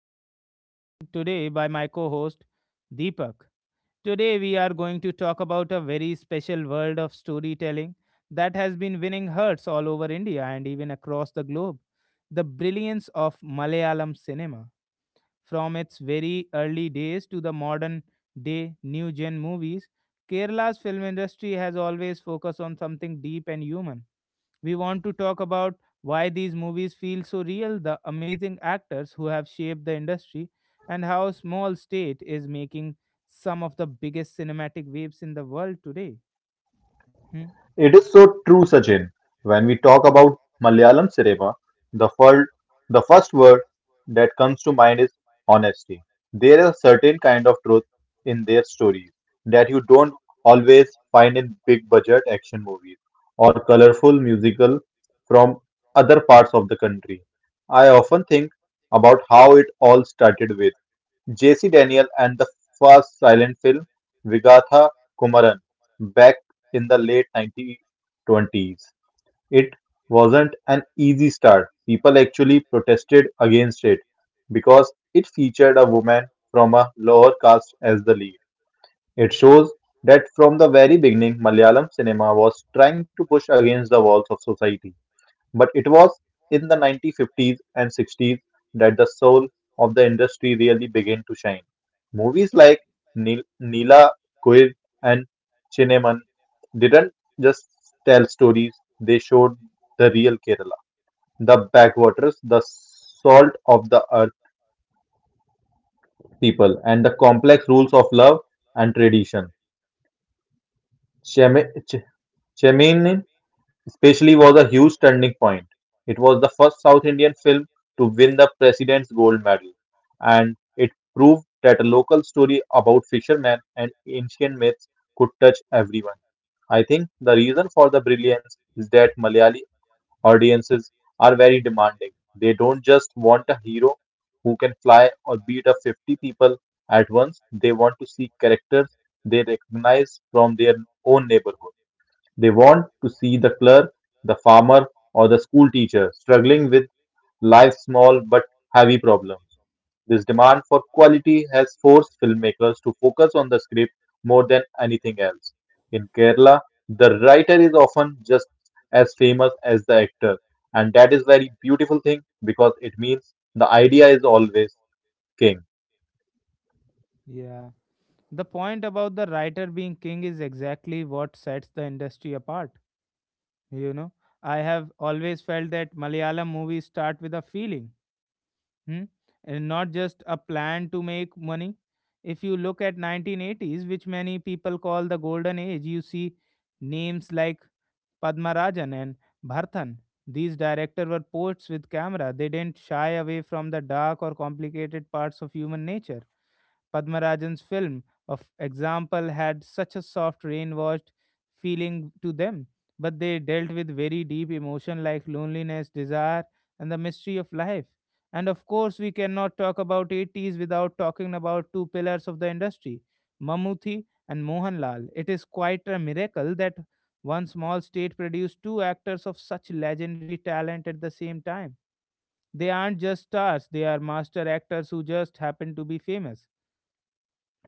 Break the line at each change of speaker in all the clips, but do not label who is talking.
and I'm joined today by my co host, Deepak. Today, we are going to talk about a very special world of storytelling that has been winning hearts all over India and even across the globe, the brilliance of Malayalam cinema. From its very early days to the modern day new gen movies, Kerala's film industry has always focused on something deep and human. We want to talk about why these movies feel so real, the amazing actors who have shaped the industry, and how small state is making some of the biggest cinematic waves in the world today. Hmm.
It is so true, Sachin. When we talk about Malayalam cinema, the first, the first word that comes to mind is honesty. There is a certain kind of truth in their stories that you don't always find in big budget action movies or colorful musical from other parts of the country. I often think about how it all started with J. C. Daniel and the first silent film "Vigatha Kumaran" back in the late 1920s. It wasn't an easy start. People actually protested against it because it featured a woman from a lower caste as the lead. It shows that from the very beginning, Malayalam cinema was trying to push against the walls of society. But it was in the 1950s and 60s that the soul of the industry really began to shine. Movies like Neela Kuir and Chinnaman didn't just tell stories, they showed the real Kerala, the backwaters, the salt of the earth people, and the complex rules of love and tradition. Chemini especially was a huge turning point. It was the first South Indian film to win the President's Gold Medal, and it proved that a local story about fishermen and ancient myths could touch everyone. I think the reason for the brilliance is that Malayali audiences are very demanding. They don't just want a hero who can fly or beat up 50 people at once, they want to see characters they recognize from their own neighborhood. They want to see the clerk, the farmer, or the school teacher struggling with life's small but heavy problems. This demand for quality has forced filmmakers to focus on the script more than anything else. In Kerala, the writer is often just as famous as the actor, and that is very beautiful thing because it means the idea is always king.
Yeah. The point about the writer being king is exactly what sets the industry apart. You know, I have always felt that Malayalam movies start with a feeling, hmm? and not just a plan to make money. If you look at 1980s, which many people call the golden age, you see names like Padmarajan and Bhartan. These directors were poets with camera. They didn't shy away from the dark or complicated parts of human nature. Padmarajan's film, of example, had such a soft, rain washed feeling to them, but they dealt with very deep emotion like loneliness, desire, and the mystery of life. And of course, we cannot talk about 80s without talking about two pillars of the industry, Mammootty and Mohanlal. It is quite a miracle that one small state produced two actors of such legendary talent at the same time. They aren't just stars, they are master actors who just happen to be famous.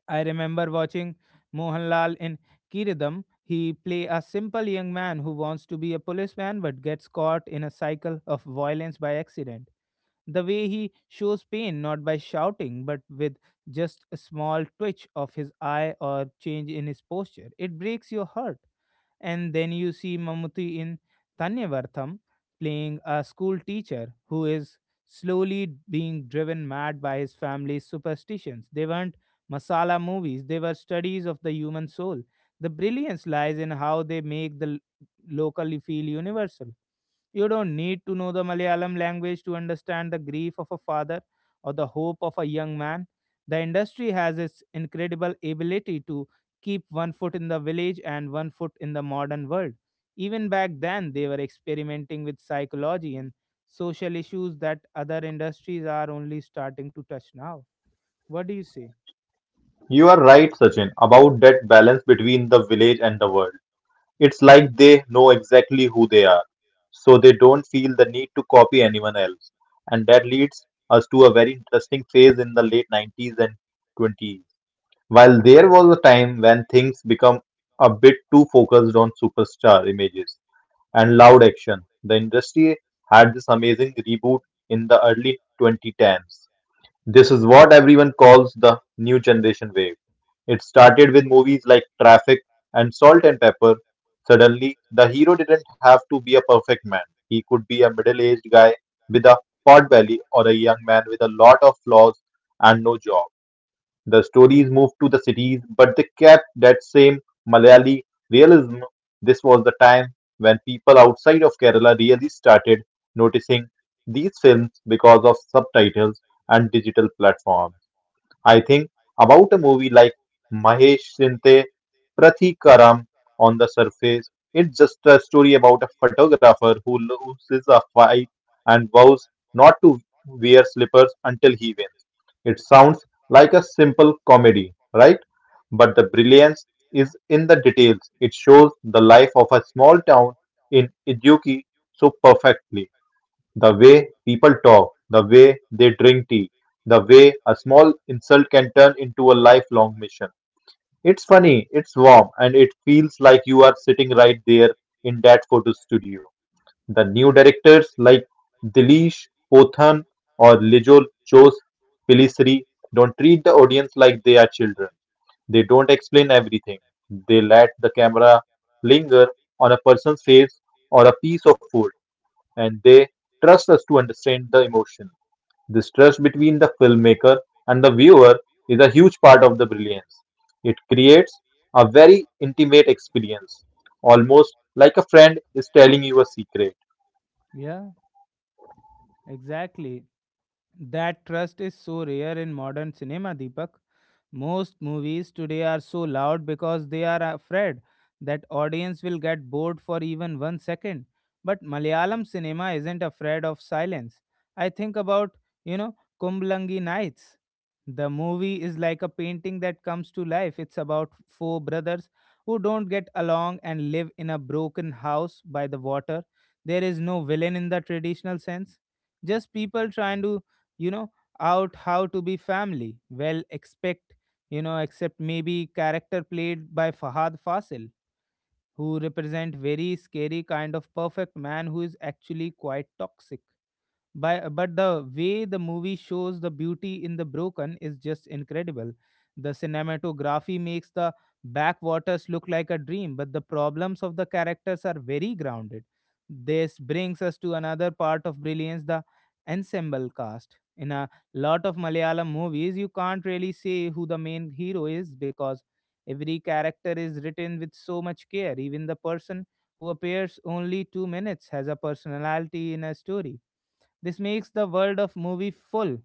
I remember watching Mohanlal in Kiridam. He play a simple young man who wants to be a policeman but gets caught in a cycle of violence by accident. The way he shows pain not by shouting but with just a small twitch of his eye or change in his posture, it breaks your heart. And then you see Mammootty in Thanyavartham playing a school teacher who is slowly being driven mad by his family's superstitions. They weren't masala movies, they were studies of the human soul. The brilliance lies in how they make the locally feel universal. You don't need to know the Malayalam language to understand the grief of a father or the hope of a young man. The industry has its incredible ability to keep one foot in the village and one foot in the modern world. Even back then, they were experimenting with psychology and social issues that other industries are only starting to touch now. What do you say?
You are right, Sachin, about that balance between the village and the world. It's like they know exactly who they are, so they don't feel the need to copy anyone else. And that leads us to a very interesting phase in the late 90s and 20s. While there was a time when things become a bit too focused on superstar images and loud action, the industry had this amazing reboot in the early 2010s. This is what everyone calls the new generation wave. It started with movies like Traffic and Salt and Pepper. Suddenly, the hero didn't have to be a perfect man. He could be a middle aged guy with a pot belly or a young man with a lot of flaws and no job. The stories moved to the cities, but they kept that same Malayali realism. This was the time when people outside of Kerala really started noticing these films because of subtitles and digital platforms. I think about a movie like Mahesh Shinte, Prathikaram on the surface. It's just a story about a photographer who loses a fight and vows not to wear slippers until he wins. It sounds like a simple comedy, right? But the brilliance is in the details. It shows the life of a small town in Iduki so perfectly. The way people talk, the way they drink tea, the way a small insult can turn into a lifelong mission. It's funny, it's warm, and it feels like you are sitting right there in that photo studio. The new directors like Dilish Pothan or Lijol Chose Pilisri don't treat the audience like they are children. They don't explain everything. They let the camera linger on a person's face or a piece of food and they trust us to understand the emotion. This trust between the filmmaker and the viewer is a huge part of the brilliance. It creates a very intimate experience, almost like a friend is telling you a secret.
Yeah, exactly. That trust is so rare in modern cinema, Deepak. Most movies today are so loud because they are afraid that audience will get bored for even one second. But Malayalam cinema isn't afraid of silence. I think about, you know, Kumblangi Nights. The movie is like a painting that comes to life. It's about four brothers who don't get along and live in a broken house by the water. There is no villain in the traditional sense. Just people trying to you know out how to be family, well, expect you know except maybe character played by Fahad Fasil, who represent very scary kind of perfect man who is actually quite toxic, but the way the movie shows the beauty in the broken is just incredible. The cinematography makes the backwaters look like a dream, but the problems of the characters are very grounded. This brings us to another part of brilliance, the ensemble cast. In a lot of Malayalam movies, you can't really say who the main hero is because every character is written with so much care. Even the person who appears only 2 minutes has a personality in a story. This makes the world of movie full.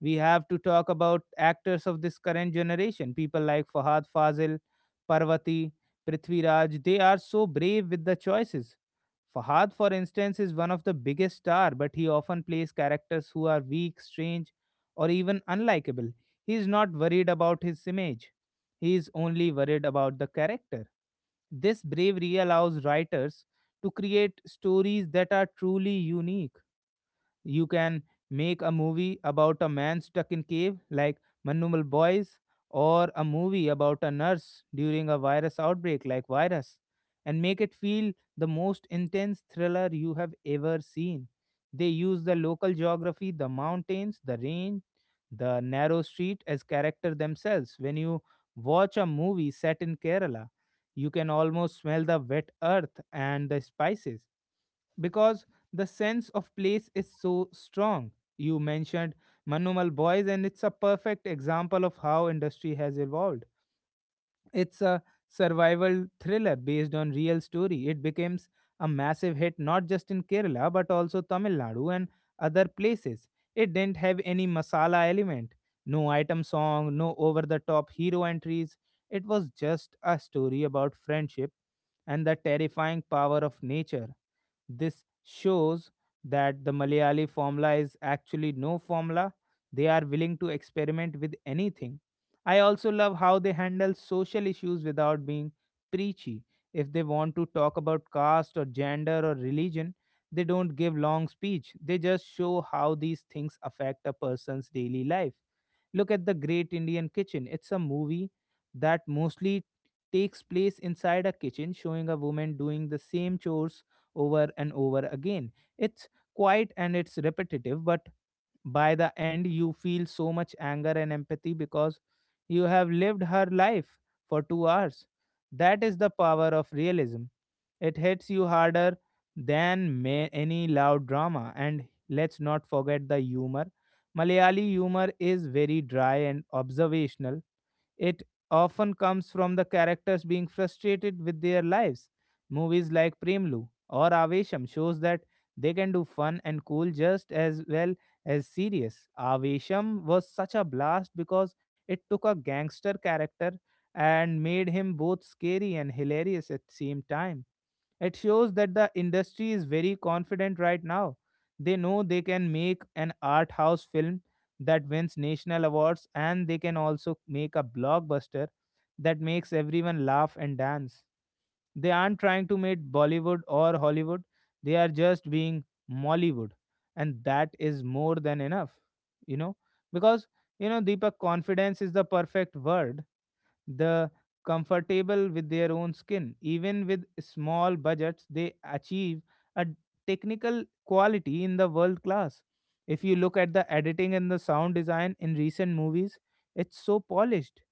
We have to talk about actors of this current generation, people like Fahad Fazil, Parvati, Prithviraj. They are so brave with the choices. Fahad, for instance, is one of the biggest star, but he often plays characters who are weak, strange, or even unlikable. He is not worried about his image. He is only worried about the character. This bravery allows writers to create stories that are truly unique. You can make a movie about a man stuck in cave like Manumal Boys, or a movie about a nurse during a virus outbreak like Virus, and make it feel the most intense thriller you have ever seen. They use the local geography, the mountains, the rain, the narrow street as character themselves. When you watch a movie set in Kerala, you can almost smell the wet earth and the spices because the sense of place is so strong. You mentioned Manumal Boys, and it's a perfect example of how industry has evolved. It's a survival thriller based on real story. It becomes a massive hit not just in Kerala but also Tamil Nadu and other places. It didn't have any masala element, no item song, no over the top hero entries. It was just a story about friendship and the terrifying power of nature. This shows that the Malayali formula is actually no formula. They are willing to experiment with anything. I also love how they handle social issues without being preachy. If they want to talk about caste or gender or religion, they don't give long speech. They just show how these things affect a person's daily life. Look at The Great Indian Kitchen. It's a movie that mostly takes place inside a kitchen, showing a woman doing the same chores over and over again. It's quiet and it's repetitive, but by the end, you feel so much anger and empathy because you have lived her life for 2 hours. That is the power of realism. It hits you harder than may any loud drama. And let's not forget the humor. Malayali humor is very dry and observational. It often comes from the characters being frustrated with their lives. Movies like Premlu or Avesham shows that they can do fun and cool just as well as serious. Avesham was such a blast because it took a gangster character and made him both scary and hilarious at the same time. It shows that the industry is very confident right now. They know they can make an art house film that wins national awards, and they can also make a blockbuster that makes everyone laugh and dance. They aren't trying to make Bollywood or Hollywood, they are just being Mollywood, and that is more than enough, you know, because, Deepak, confidence is the perfect word the comfortable with their own skin. Even with small budgets, they achieve a technical quality in the world class. If you look at the editing and the sound design in recent movies, it's so polished.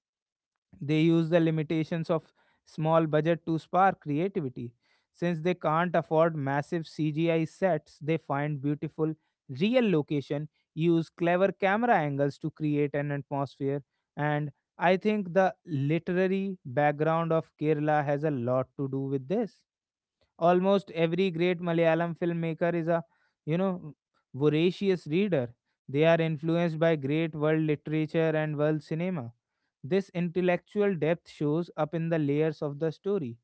They use the limitations of small budget to spark creativity. Since they can't afford massive CGI sets, they find beautiful real location, use clever camera angles to create an atmosphere, and I think the literary background of Kerala has a lot to do with this. Almost every great Malayalam filmmaker is a, you know, voracious reader. They are influenced by great world literature and world cinema. This intellectual depth shows up in the layers of the story.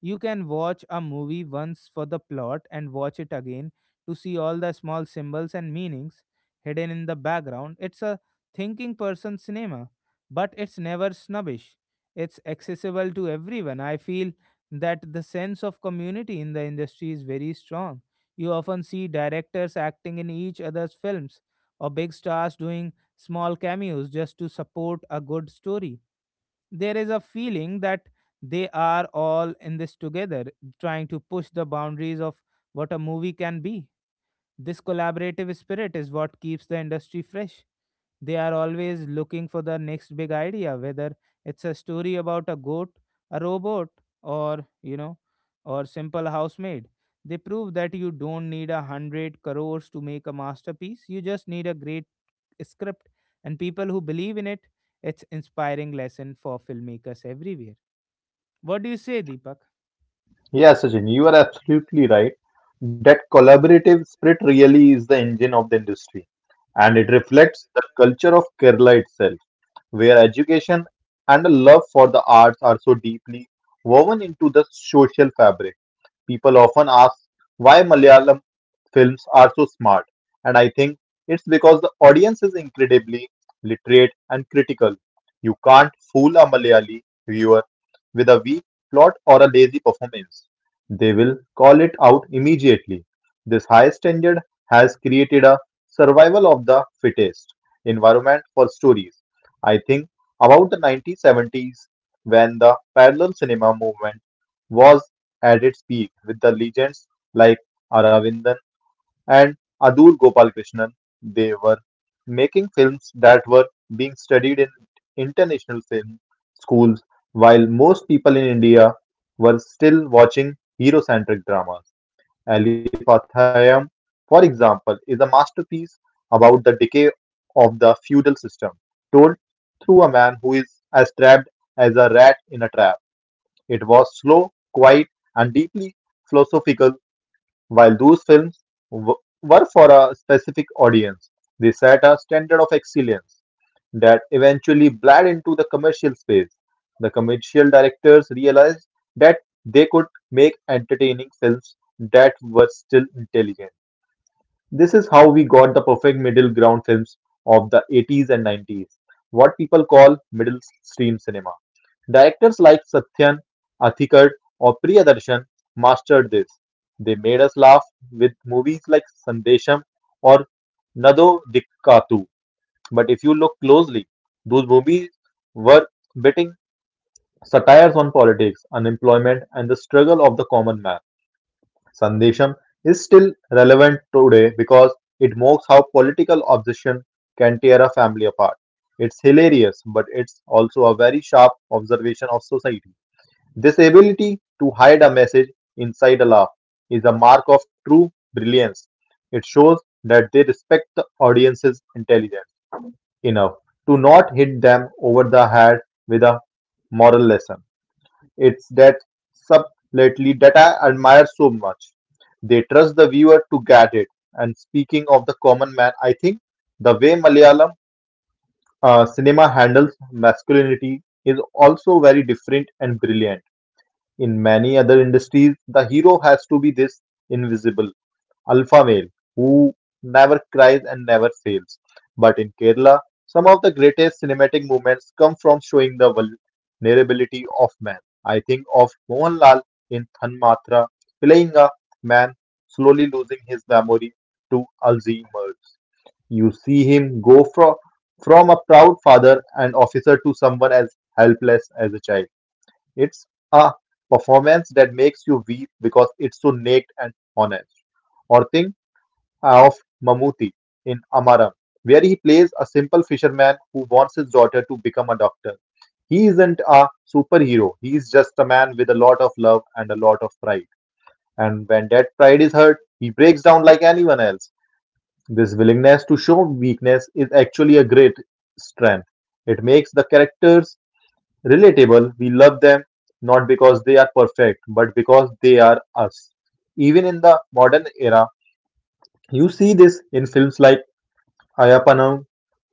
You can watch a movie once for the plot and watch it again to see all the small symbols and meanings hidden in the background. It's a thinking person cinema, but it's never snobbish. It's accessible to everyone. I feel that the sense of community in the industry is very strong. You often see directors acting in each other's films or big stars doing small cameos just to support a good story. There is a feeling that they are all in this together, trying to push the boundaries of what a movie can be. This collaborative spirit is what keeps the industry fresh. They are always looking for the next big idea, whether it's a story about a goat, a robot, or, you know, or simple housemaid. They prove that you don't need 100 crores to make a masterpiece. You just need a great script and people who believe in it. It's inspiring lesson for filmmakers everywhere. What do you say, Deepak?
Yeah, Sachin, you are absolutely right. That collaborative spirit really is the engine of the industry, and it
yeah
reflects the culture of Kerala itself, where education and a love for the arts are so deeply woven into the social fabric. People often ask why Malayalam films are so smart, and I think it's because the audience is incredibly literate and critical. You can't fool a Malayali viewer with a weak plot or a lazy performance. They will call it out immediately. This high standard has created a survival of the fittest environment for stories. I think about the 1970s when the parallel cinema movement was at its peak with the legends like Aravindan and Adur Gopalakrishnan. They were making films that were being studied in international film schools, while most people in India were still watching hero-centric dramas. Ali Pathayam, for example, is a masterpiece about the decay of the feudal system, told through a man who is as trapped as a rat in a trap. It was slow, quiet, and deeply philosophical. While those films w- were for a specific audience, they set a standard of excellence that eventually bled into the commercial space. The commercial directors realized that they could make entertaining films that were still intelligent. This is how we got the perfect middle ground films of the 80s and 90s, what people call middle stream cinema. Directors like Satyan, Athikar, or Priyadarshan mastered this. They made us laugh with movies like Sandesham or Nado Dikkathu. But if you look closely, those movies were biting satires on politics, unemployment, and the struggle of the common man. Sandesham is still relevant today because it mocks how political obsession can tear a family apart. It's hilarious, but it's also a very sharp observation of society. This ability to hide a message inside a laugh is a mark of true brilliance. It shows that they respect the audience's intelligence enough to not hit them over the head with a moral lesson. It's that subtlety that I admire so much. They trust the viewer to get it. And speaking of the common man, I think the way Malayalam cinema handles masculinity is also very different and brilliant. In many other industries, the hero has to be this invisible alpha male who never cries and never fails. But in Kerala, some of the greatest cinematic moments come from showing the vulnerability of man. I think of Mohanlal in Thanmatra playing a man slowly losing his memory to Alzheimer's. You see him go from a proud father and officer to someone as helpless as a child. It's a performance that makes you weep because it's so naked and honest. Or think of Mammootty in Amaram, where he plays a simple fisherman who wants his daughter to become a doctor. He isn't a superhero, he is just a man with a lot of love and a lot of pride. And when that pride is hurt, he breaks down like anyone else. This willingness to show weakness is actually a great strength. It makes the characters relatable. We love them not because they are perfect, but because they are us. Even in the modern era, you see this in films like Ayapanam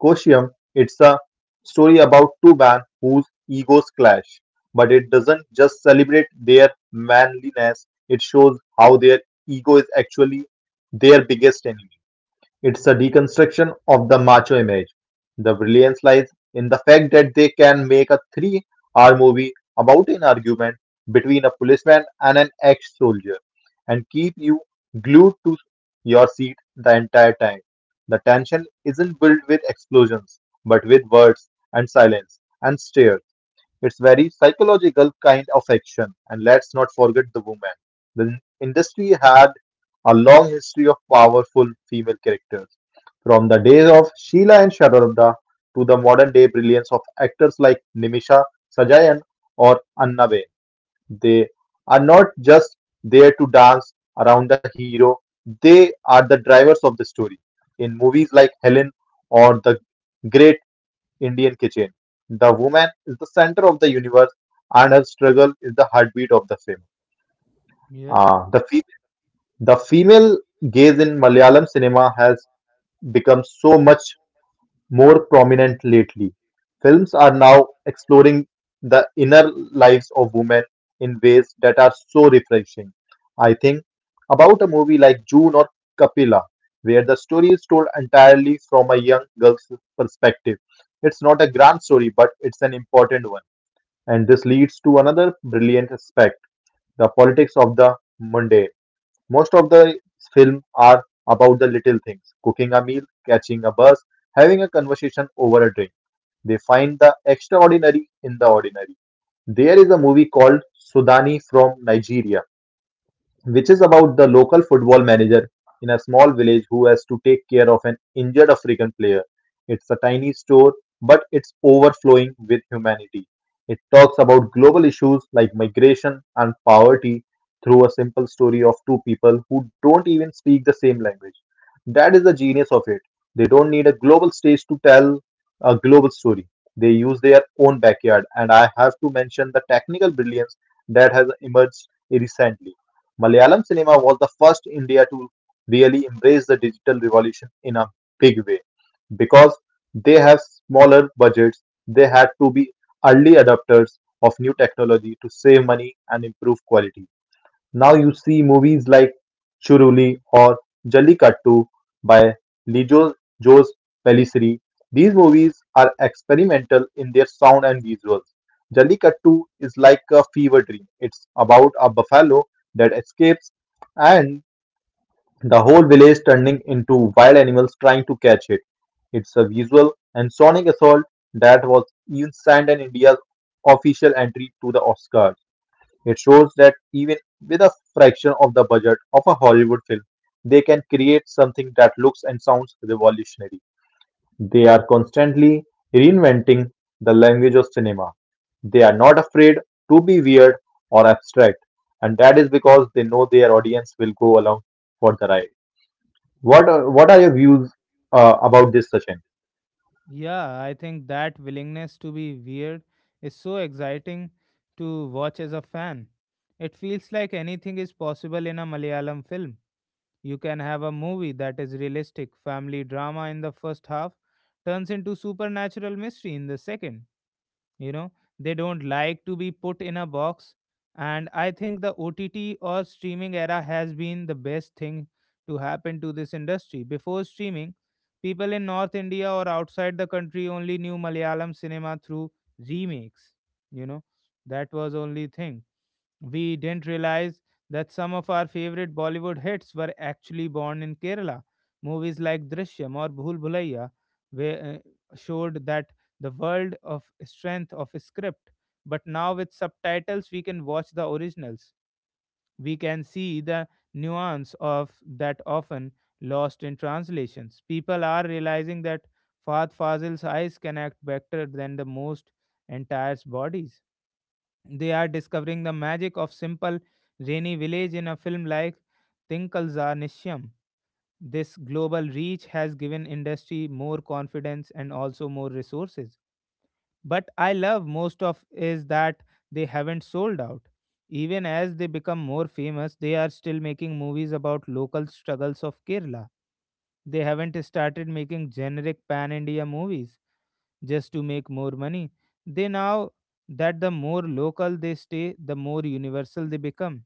Koshyam. It's a story about two men whose egos clash, but it doesn't just celebrate their manliness, it shows how their ego is actually their biggest enemy. It's a deconstruction of the macho image. The brilliance lies in the fact that they can make a 3 hour movie about an argument between a policeman and an ex soldier and keep you glued to your seat the entire time. The tension isn't built with explosions, but with words and silence and stare. It's very psychological kind of action. And let's not forget the woman. The industry had a long history of powerful female characters from the days of Sheila and Sharada to the modern day brilliance of actors like Nimisha Sajayan or Anna Bain, they are not just there to dance around the hero, they are the drivers of the story. In movies like Helen or The Great Indian Kitchen, the woman is the center of the universe and her struggle is the heartbeat of the film.
yeah
Uh, the, fe- the female gaze in Malayalam cinema has become so much more prominent lately. Films are now exploring the inner lives of women in ways that are so refreshing. I think about a movie like June or Kapila, where the story is told entirely from a young girl's perspective. It's not a grand story, but it's an important one. And this leads to another brilliant aspect the politics of the mundane. Most of the film are about the little things cooking a meal, catching a bus, having a conversation over a drink. They find the extraordinary in the ordinary. There is a movie called Sudani from Nigeria which is about the local football manager in a small village who has to take care of an injured African player. It's a tiny store, but it's overflowing with humanity. It talks about global issues like migration and poverty through a simple story of two people who don't even speak the same language. That is the genius of it. They don't need a global stage to tell a global story. They use their own backyard, and I have to mention the technical brilliance that has emerged recently. Malayalam cinema was the first in India to really embrace the digital revolution in a big way because they have smaller budgets. They had to be early adopters of new technology to save money and improve quality. Now you see movies like Churuli or Jallikattu by Lijos Jose Pellicer. These movies are experimental in their sound and visuals. Jallikattu is like a fever dream. It's about a buffalo that escapes and the whole village turning into wild animals trying to catch it. It's a visual and sonic assault that was even signed in India's official entry to the Oscar. It shows that even with a fraction of the budget of a Hollywood film, they can create something that looks and sounds revolutionary. They are constantly reinventing the language of cinema. They are not afraid to be weird or abstract, and that is because they know their audience will go along for the ride. What are your views about this, Sachin?
yeah I think that willingness to be weird is so exciting to watch as a fan. It feels like anything is possible in a Malayalam film. You can have a movie that is realistic family drama in the first half, turns into supernatural mystery in the second. you know they don't like to be put in a box. And I think the OTT or streaming era has been the best thing to happen to this industry. Before streaming, people in North India or outside the country only knew Malayalam cinema through remakes. you know that was only thing. We didn't realize that some of our favorite Bollywood hits were actually born in Kerala. Movies like Drishyam or Bhul Bhulaiya showed that the world of strength of script. But now with subtitles, we can watch the originals. We can see the nuance of that often lost in translations. People are realizing that Fahd Fazil's eyes can act better than the most entire bodies. They are discovering the magic of simple rainy village in a film like Tinkalza Nishyam. This global reach has given industry more confidence and also more resources. But I love most of is that they haven't sold out. Even as they become more famous, they are still making movies about local struggles of Kerala. They haven't started making generic pan India movies just to make more money. They now that the more local they stay, the more universal they become.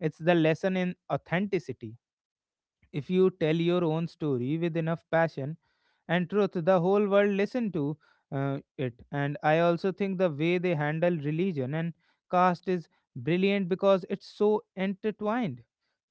It's the lesson in authenticity. If you tell your own story with enough passion and truth, the whole world listen to it. And I also think the way they handle religion and caste is brilliant because it's so intertwined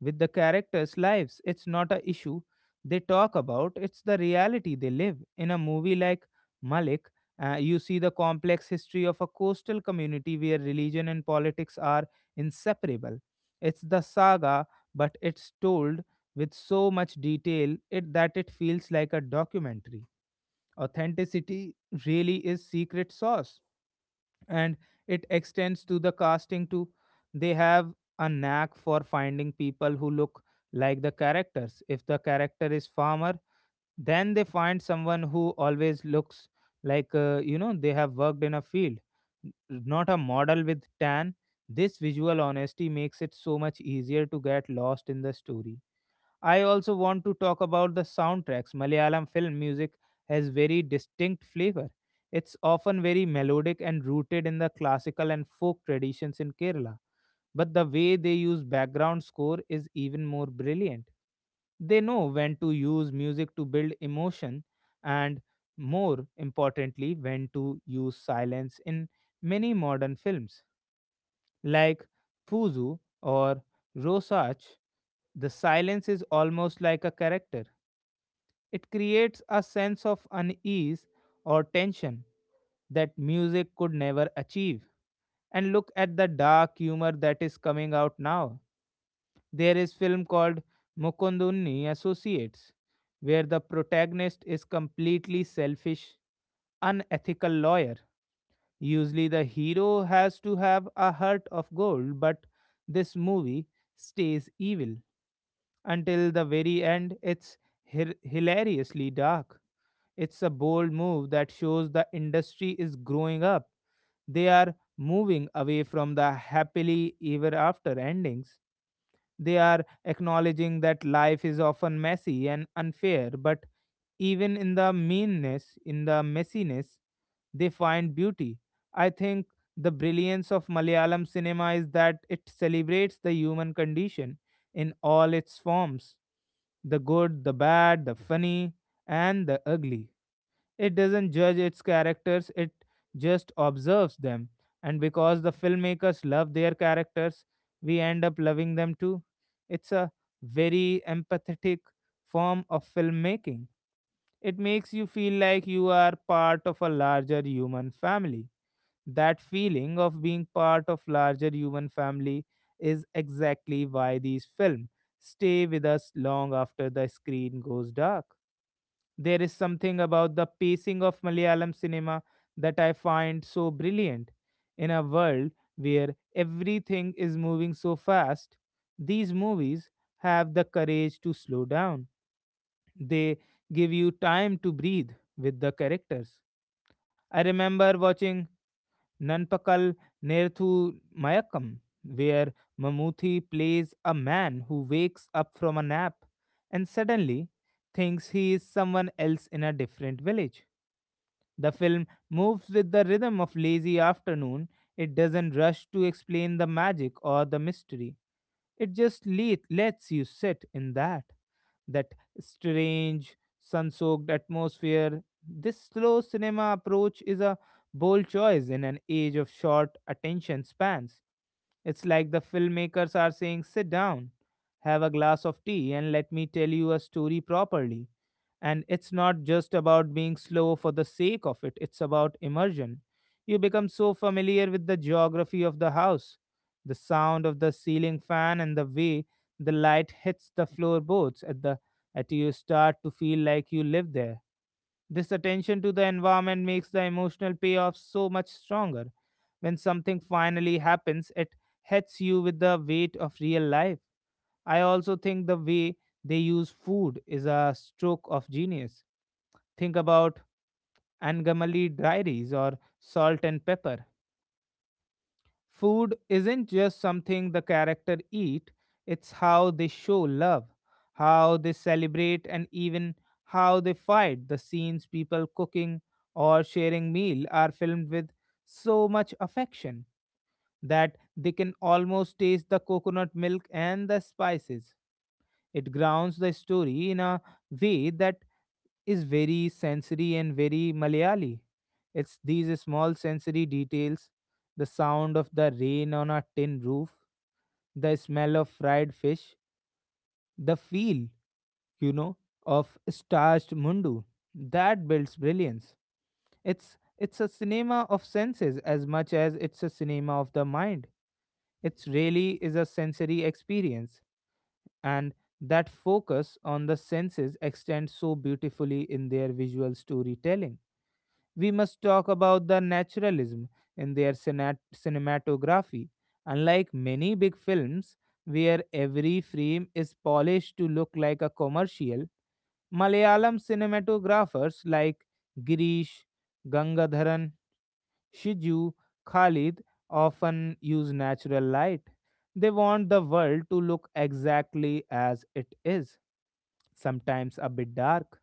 with the characters' lives. It's not a issue they talk about; it's the reality they live. In a movie like Malik, you see the complex history of a coastal community where religion and politics are inseparable. It's the saga, but it's told with so much detail it, that it feels like a documentary. Authenticity really is secret sauce, and it extends to the casting too. They have a knack for finding people who look like the characters. If the character is farmer, then they find someone who always looks like they have worked in a field, not a model with tan. This visual honesty makes it so much easier to get lost in the story. I also want to talk about the soundtracks. Malayalam film music has very distinct flavor. It's often very melodic and rooted in the classical and folk traditions in Kerala. But the way they use background score is even more brilliant. They know when to use music to build emotion and, more importantly, when to use silence in many modern films like Puzu or Rosach, the silence is almost like a character. It creates a sense of unease or tension that music could never achieve. And look at the dark humor that is coming out now. There is film called Mukunduni Associates, where the protagonist is completely selfish, unethical lawyer. Usually, the hero has to have a heart of gold, but this movie stays evil until the very end. It's hilariously dark. It's a bold move that shows the industry is growing up. They are moving away from the happily ever after endings. They are acknowledging that life is often messy and unfair, but even in the meanness, in the messiness, they find beauty. I think the brilliance of Malayalam cinema is that it celebrates the human condition in all its forms, the good, the bad, the funny, and the ugly. It doesn't judge its characters, it just observes them. And because the filmmakers love their characters, we end up loving them too. It's a very empathetic form of filmmaking. It makes you feel like you are part of a larger human family. That feeling of being part of larger human family is exactly why these films stay with us long after the screen goes dark. There is something about the pacing of Malayalam cinema that I find so brilliant. In a world where everything is moving so fast, these movies have the courage to slow down. They give you time to breathe with the characters. I remember watching Nanpakal Nerthu Mayakam, where Mamuthi plays a man who wakes up from a nap and suddenly thinks he is someone else in a different village. The film moves with the rhythm of lazy afternoon. It doesn't rush to explain the magic or the mystery. It just lets you sit in that strange sun-soaked atmosphere. This slow cinema approach is a bold choice in an age of short attention spans. It's like the filmmakers are saying, sit down, have a glass of tea, and let me tell you a story properly. And it's not just about being slow for the sake of it, it's about immersion. You become so familiar with the geography of the house, the sound of the ceiling fan, and the way the light hits the floorboards at the at you start to feel like you live there. This attention to the environment makes the emotional payoff so much stronger. When something finally happens, it hits you with the weight of real life. I also think the way they use food is a stroke of genius. Think about Angamali diaries or salt and pepper. Food isn't just something the character eat, it's how they show love, how they celebrate, and even how they fight. The scenes people cooking or sharing meal are filmed with so much affection that they can almost taste the coconut milk and the spices. It grounds the story in a way that is very sensory and very Malayali. It's these small sensory details, the sound of the rain on a tin roof, the smell of fried fish, the feel, you know, of starched mundu, that builds brilliance. It's a cinema of senses as much as it's a cinema of the mind. It really is a sensory experience, and that focus on the senses extends so beautifully in their visual storytelling. We must talk about the naturalism in their cinematography. Unlike many big films, where every frame is polished to look like a commercial, Malayalam cinematographers like Girish, Gangadharan, Shiju, Khalid often use natural light. They want the world to look exactly as it is, sometimes a bit dark,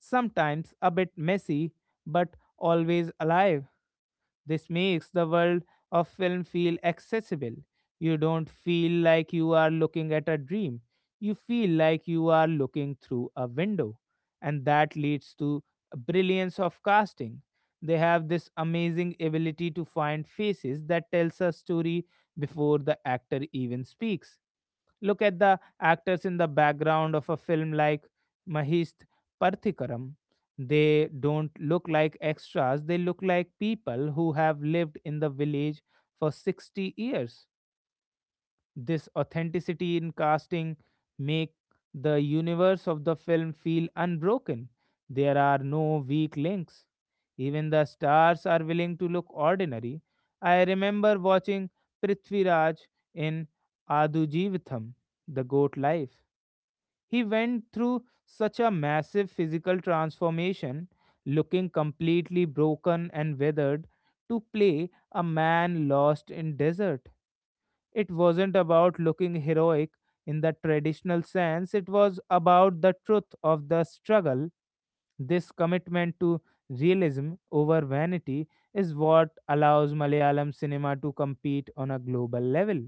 sometimes a bit messy, but always alive. This makes the world of film feel accessible. You don't feel like you are looking at a dream, you feel like you are looking through a window. And that leads to a brilliance of casting. They have this amazing ability to find faces that tells a story before the actor even speaks. Look at the actors in the background of a film like Mahist Parthikaram. They don't look like extras, they look like people who have lived in the village for 60 years. This authenticity in casting make the universe of the film feel unbroken. There are no weak links. Even the stars are willing to look ordinary. I remember watching Prithviraj in Adujivitham, The Goat Life. He went through such a massive physical transformation, looking completely broken and weathered, to play a man lost in desert. It wasn't about looking heroic in the traditional sense, it was about the truth of the struggle. This commitment to realism over vanity is what allows Malayalam cinema to compete on a global level.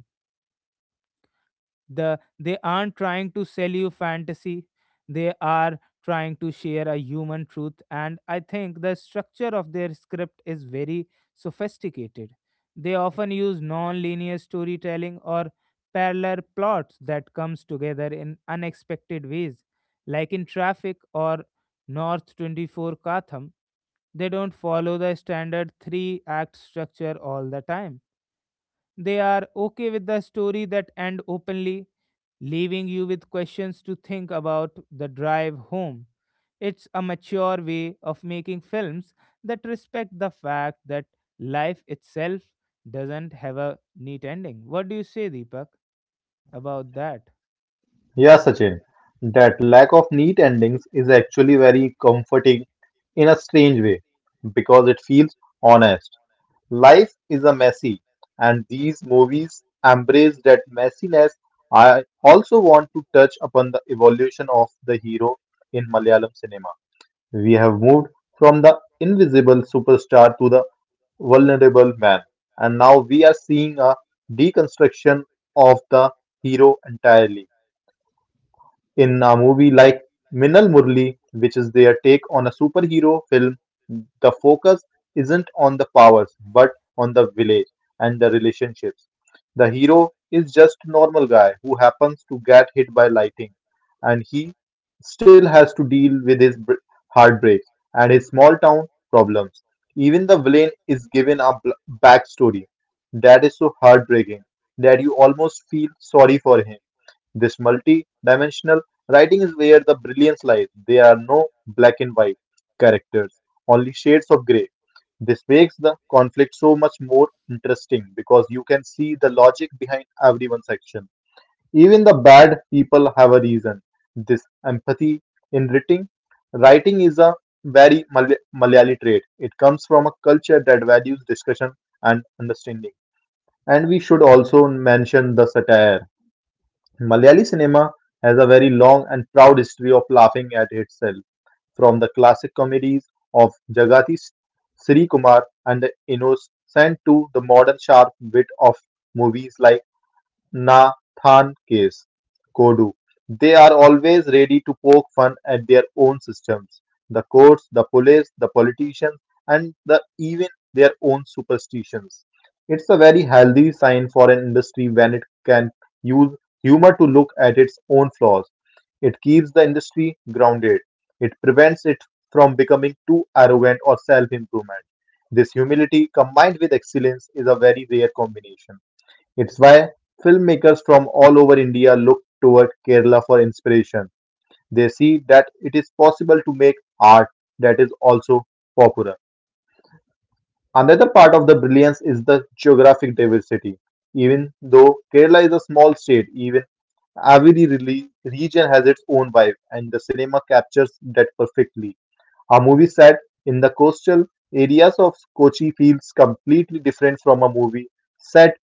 They aren't trying to sell you fantasy, they are trying to share a human truth. And I think the structure of their script is very sophisticated. They often use non-linear storytelling or parallel plots that comes together in unexpected ways, like in traffic or north 24 katham. They don't follow the standard three act structure all the time. They are okay with the story that end openly, leaving you with questions to think about the drive home. It's a mature way of making films that respect the fact that life itself doesn't have a neat ending. What do you say, Deepak, about that?
Yeah, Sachin, that lack of neat endings is actually very comforting in a strange way because it feels honest. Life is a messy, and these movies embrace that messiness. I also want to touch upon the evolution of the hero in Malayalam cinema. We have moved from the invisible superstar to the vulnerable man, and now we are seeing a deconstruction of the hero entirely in a movie like Minal Murli, which is their take on a superhero film, the focus isn't on the powers but on the village and the relationships. The hero is just normal guy who happens to get hit by lightning and he still has to deal with his heartbreaks and his small town problems. Even the villain is given a backstory that is so heartbreaking that you almost feel sorry for him. This multi dimensional writing is where the brilliance lies. There are no black and white characters, only shades of grey. This makes the conflict so much more interesting because you can see the logic behind everyone's action. Even the bad people have a reason. This empathy in writing is a very Malayali trait. It comes from a culture that values discussion and understanding. And we should also mention the satire. Malayali cinema has a very long and proud history of laughing at itself, from the classic comedies of Jagathi Sri Kumar and the Innocent to the modern sharp wit of movies like Nathan Case, Godu. They are always ready to poke fun at their own systems, the courts, the police, the politicians, and the, even their own superstitions. It's a very healthy sign for an industry when it can use humor to look at its own flaws. It keeps the industry grounded. It prevents it from becoming too arrogant or self improvement. This humility combined with excellence is a very rare combination. It's why filmmakers from all over India look toward Kerala for inspiration. They see that it is possible to make art that is also popular. Another part of the brilliance is the geographic diversity. Even though Kerala is a small state, even every region has its own vibe, and the cinema captures that perfectly. A movie set in the coastal areas of Kochi feels completely different from a movie set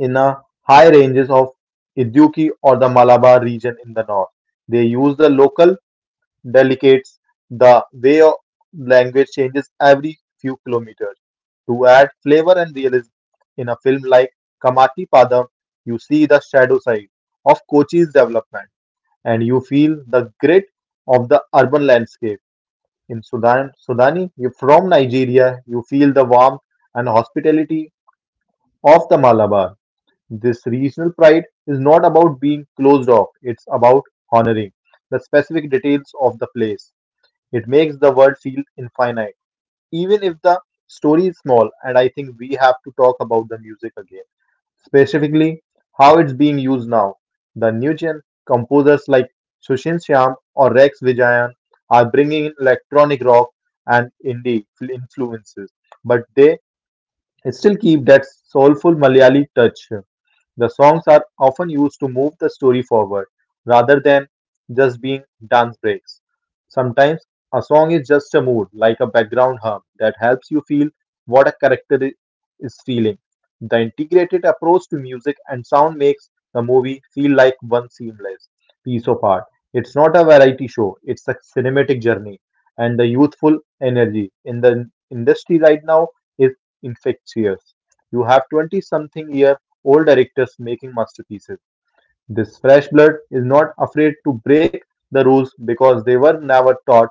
in the high ranges of Iduki or the Malabar region in the north. They use the local delicates, the way of language changes every few kilometers to add flavor and realism. In a film like Kamati Padam, you see the shadow side of Kochi's development and you feel the grit of the urban landscape. In Sudani, you from Nigeria, you feel the warmth and hospitality of the Malabar. This regional pride is not about being closed off, it's about honoring the specific details of the place. It makes the world feel infinite, even if the story is small. And I think we have to talk about the music again, specifically how it's being used now. The new gen composers like Sushin Shyam or Rex Vijayan are bringing in electronic rock and indie influences, but they still keep that soulful Malayali touch. The songs are often used to move the story forward rather than just being dance breaks. Sometimes a song is just a mood, like a background hum, that helps you feel what a character is feeling. The integrated approach to music and sound makes the movie feel like one seamless piece of art. It's not a variety show, it's a cinematic journey. And the youthful energy in the industry right now is infectious. You have 20 something year old directors making masterpieces. This fresh blood is not afraid to break the rules because they were never taught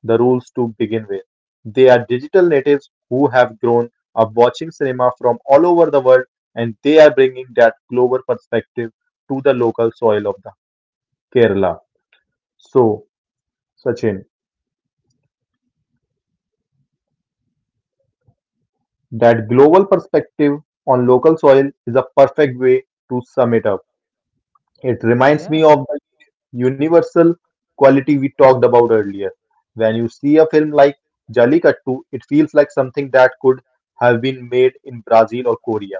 the rules to begin with. They are digital natives who have grown up watching cinema from all over the world and they are bringing that global perspective to the local soil of the Kerala. So, Sachin, that global perspective on local soil is a perfect way to sum it up. It reminds me
Yeah,
of universal quality we talked about earlier. When you see a film like Jallikattu, it feels like something that could have been made in Brazil or Korea.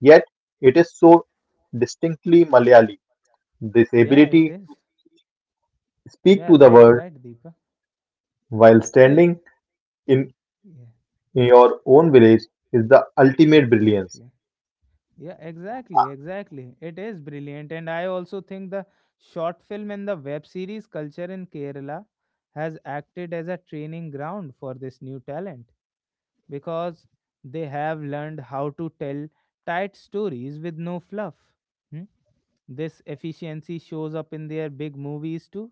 Yet, it is so distinctly Malayali. This
yeah, it
ability
is.
to speak
Yeah,
to the
right,
world
right, Deepak.
while
See,
standing in
yeah,
your own village is the ultimate brilliance.
exactly. Yeah, exactly, exactly. It is brilliant, and I also think the short film and the web series culture in Kerala has acted as a training ground for this new talent because they have learned how to tell tight stories with no fluff. Hmm? This efficiency shows up in their big movies too.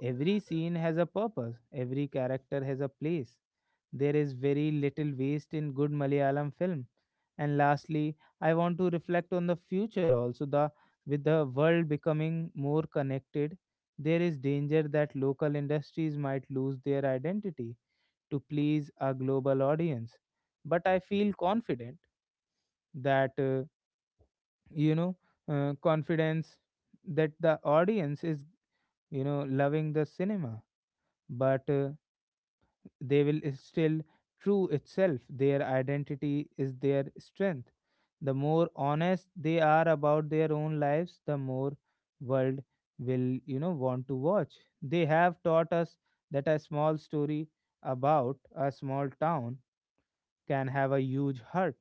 Every scene has a purpose, every character has a place. There is very little waste in good Malayalam film. And lastly, I want to reflect on the future also the with the world becoming more connected, there is danger that local industries might lose their identity to please a global audience. But I feel confident that you know confidence that the audience is loving the cinema, but they will still true itself. Their identity is their strength. The more honest they are about their own lives, the more world will want to watch. They have taught us that a small story about a small town can have a huge hurt.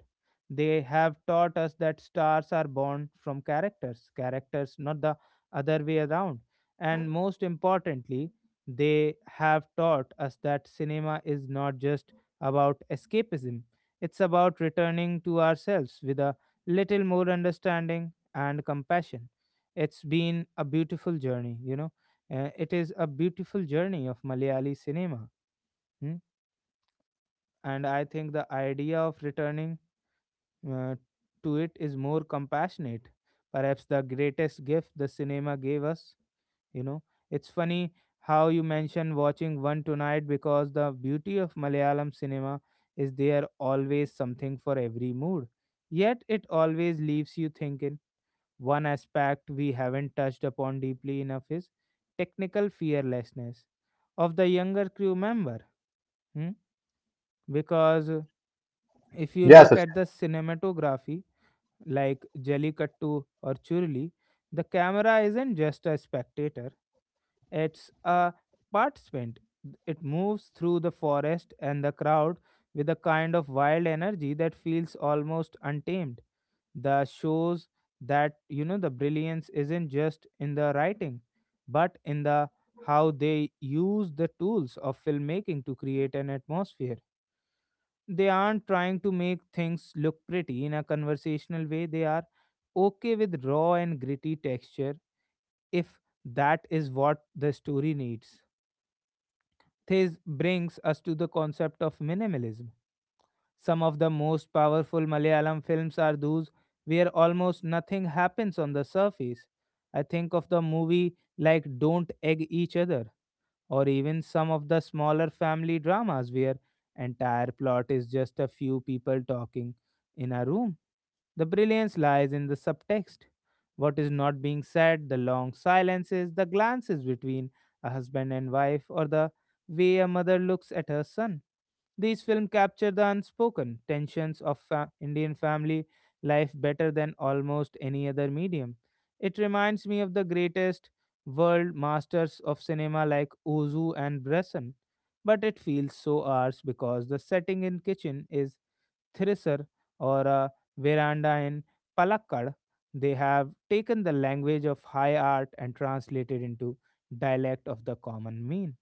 They have taught us that stars are born from characters, not the other way around. And most importantly, they have taught us that cinema is not just about escapism, it's about returning to ourselves with a little more understanding and compassion. It's been a beautiful journey. It is a beautiful journey of Malayali cinema. Hmm? And I think the idea of returning uh, to it is more compassionate. Perhaps the greatest gift the cinema gave us. You know, it's funny how you mentioned watching one tonight because the beauty of Malayalam cinema is there always something for every mood. Yet it always leaves you thinking. One aspect we haven't touched upon deeply enough is technical fearlessness of the younger crew member. Hmm? Because if you
Yes,
look at the cinematography, like Jellicattu or Churli, the camera isn't just a spectator, it's a participant. It moves through the forest and the crowd with a kind of wild energy that feels almost untamed. The shows that, you know, the brilliance isn't just in the writing, but in the how they use the tools of filmmaking to create an atmosphere. They aren't trying to make things look pretty in a conversational way. They are okay with raw and gritty texture if that is what the story needs. This brings us to the concept of minimalism. Some of the most powerful Malayalam films are those where almost nothing happens on the surface. I think of the movie like Don't Egg Each Other or even some of the smaller family dramas where entire plot is just a few people talking in a room. The brilliance lies in the subtext. What is not being said, the long silences, the glances between a husband and wife, or the way a mother looks at her son. These films capture the unspoken tensions of Indian family life better than almost any other medium. It reminds me of the greatest world masters of cinema like Ozu and Bresson, but it feels so ours because the setting in kitchen is Thrissur or a veranda in Palakkad. They have taken the language of high art and translated into dialect of the common mean.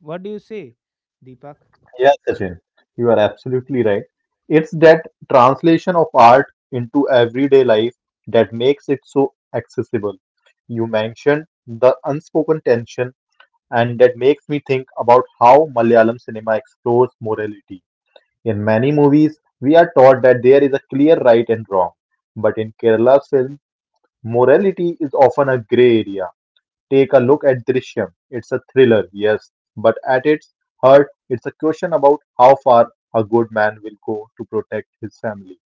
What do you say, Deepak?
Yes, Sachin, you are absolutely right. It's that translation of art into everyday life that makes it so accessible. You mentioned the unspoken tension, and that makes me think about how Malayalam cinema explores morality. In many movies, we are taught that there is a clear right and wrong, but in Kerala's film, morality is often a gray area. Take a look at Drishyam. It's a thriller, yes, but at its heart, it's a question about how far a good man will go to protect his family.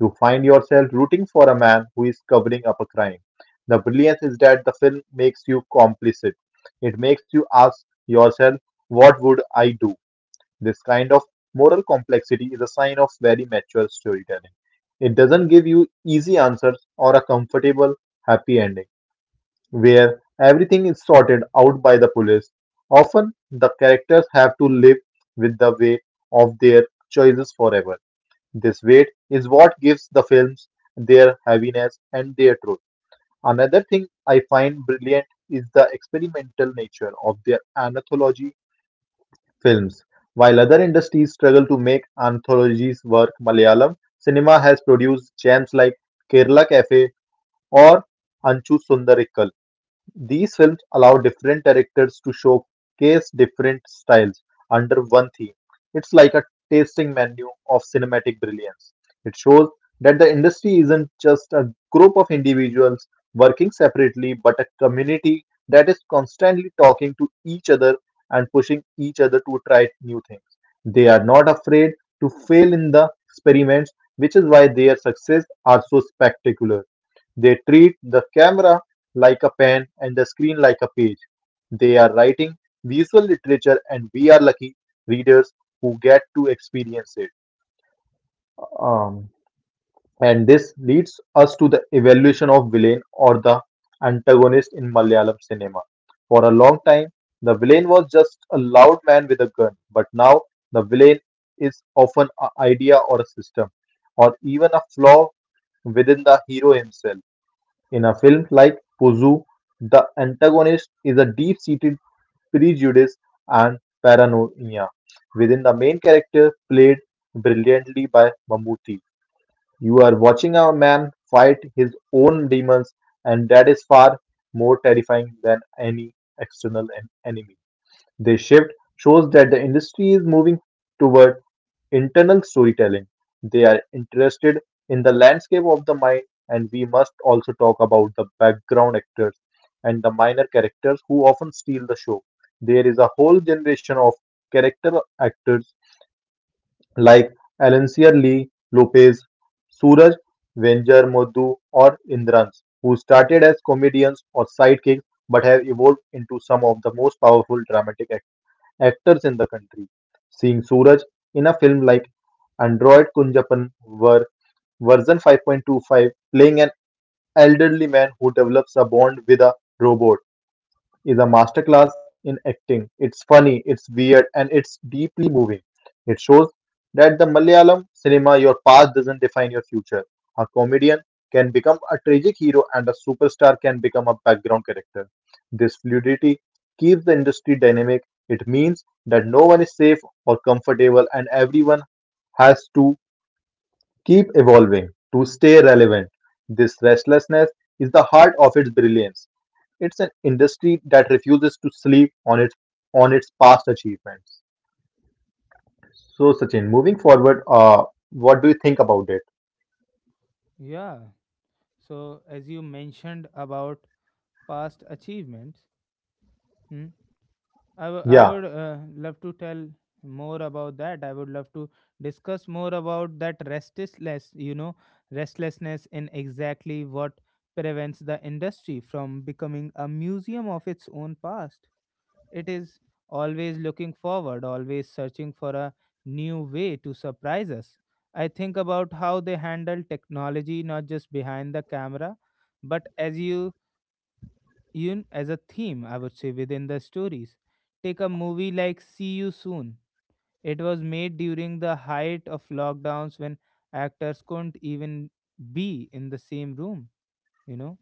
You find yourself rooting for a man who is covering up a crime. The brilliance is that the film makes you complicit. It makes you ask yourself, what would I do? This kind of moral complexity is a sign of very mature storytelling. It doesn't give you easy answers or a comfortable, happy ending where everything is sorted out by the police. Often, the characters have to live with the weight of their choices forever. This weight is what gives the films their heaviness and their truth. Another thing I find brilliant is the experimental nature of their anthology films. While other industries struggle to make anthologies work, Malayalam cinema has produced gems like Kerala Cafe or Anchu Sundarikkal. These films allow different directors to showcase different styles under one theme. It's like a tasting menu of cinematic brilliance. It shows that the industry isn't just a group of individuals working separately, but a community that is constantly talking to each other and pushing each other to try new things. They are not afraid to fail in the experiments, which is why their success are so spectacular. They treat the camera like a pen and the screen like a page. They are writing visual literature, and we are lucky readers who get to experience it. Um, and this leads us to the evaluation of villain or the antagonist in Malayalam cinema. For a long time, the villain was just a loud man with a gun, but now the villain is often an idea or a system, or even a flaw within the hero himself. In a film like Pozu, the antagonist is a deep seated prejudice and paranoia within the main character, played brilliantly by Mammootty. You are watching a man fight his own demons, and that is far more terrifying than any external enemy. This shift shows that the industry is moving toward internal storytelling. They are interested in the landscape of the mind, and we must also talk about the background actors and the minor characters who often steal the show. There is a whole generation of character actors like Alencia Lee Lopez, Suraj Venjar Modhu, or Indrans, who started as comedians or sidekicks but have evolved into some of the most powerful dramatic actors in the country. Seeing Suraj in a film like Android Kunjapan were version 5.25 playing an elderly man who develops a bond with a robot is a masterclass in acting. It's funny, it's weird, and it's deeply moving. It shows that the Malayalam cinema, your past doesn't define your future. A comedian can become a tragic hero, and a superstar can become a background character. This fluidity keeps the industry dynamic. It means that no one is safe or comfortable, and everyone has to keep evolving to stay relevant. This restlessness is the heart of its brilliance. It's an industry that refuses to sleep on its past achievements. So, Sachin, moving forward, what do you think about it?
Yeah. So as you mentioned about past achievements, hmm, I wou- I
Yeah,
would uh, love to tell more about that. I would love to discuss more about that restlessness, you know, restlessness in exactly what prevents the industry from becoming a museum of its own past. It is always looking forward, always searching for a new way to surprise us. I think about how they handle technology not just behind the camera, but as you even as a theme, I would say, within the stories. Take a movie like See You Soon. It was made during the height of lockdowns when actors couldn't even be in the same room, you know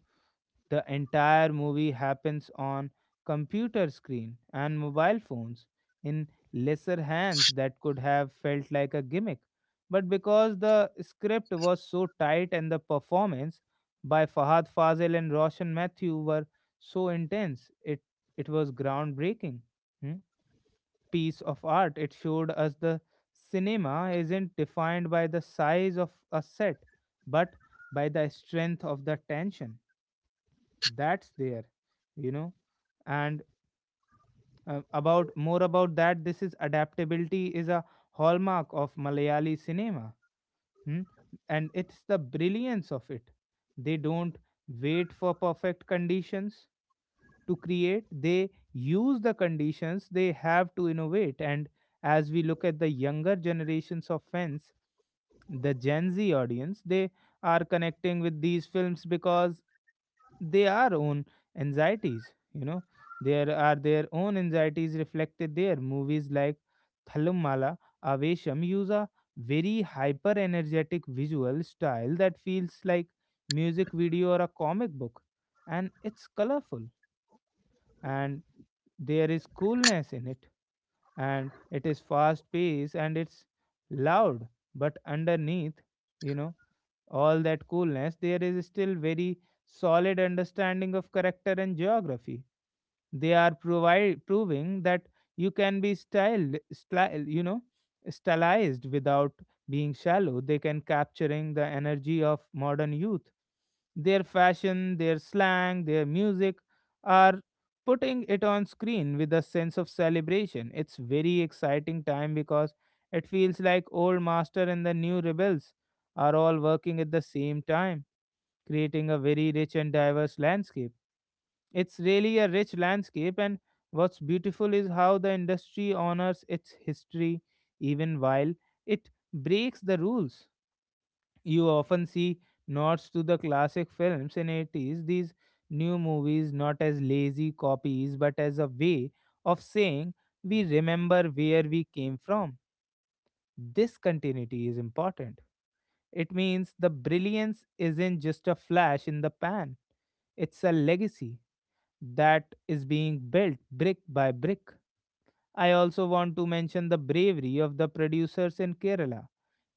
the entire movie happens on computer screen and mobile phones in lesser hands that could have felt like a gimmick. But because the script was so tight and the performance by Fahad Fazil and Roshan Mathew were so intense, it was groundbreaking. Hmm, piece of art. It showed us the cinema isn't defined by the size of a set, but by the strength of the tension that's there, you know. And about more about that, this is adaptability is a hallmark of Malayali cinema. Hmm? And it's the brilliance of it. They don't wait for perfect conditions to create, they use the conditions they have to innovate. And as we look at the younger generations of fans, the Gen Z audience, they are connecting with these films because they are own anxieties, you know, there are their own anxieties reflected there. Movies like Thalummala, Avesham use a very hyper energetic visual style that feels like music video or a comic book, and it's colorful, and there is coolness in it, and it is fast paced and it's loud. But underneath, you know, all that coolness there is still very solid understanding of character and geography. They are proving that you can be styled, style, you know, stylized without being shallow. They can capturing the energy of modern youth. Their fashion, their slang, their music are putting it on screen with a sense of celebration. It's very exciting time because it feels like old master and the new rebels are all working at the same time, creating a very rich and diverse landscape. It's really a rich landscape, and what's beautiful is how the industry honors its history even while it breaks the rules. You often see nods to the classic films in 80s, these new movies not as lazy copies but as a way of saying we remember where we came from. This continuity is important. It means the brilliance isn't just a flash in the pan, it's a legacy that is being built brick by brick. I also want to mention the bravery of the producers in Kerala.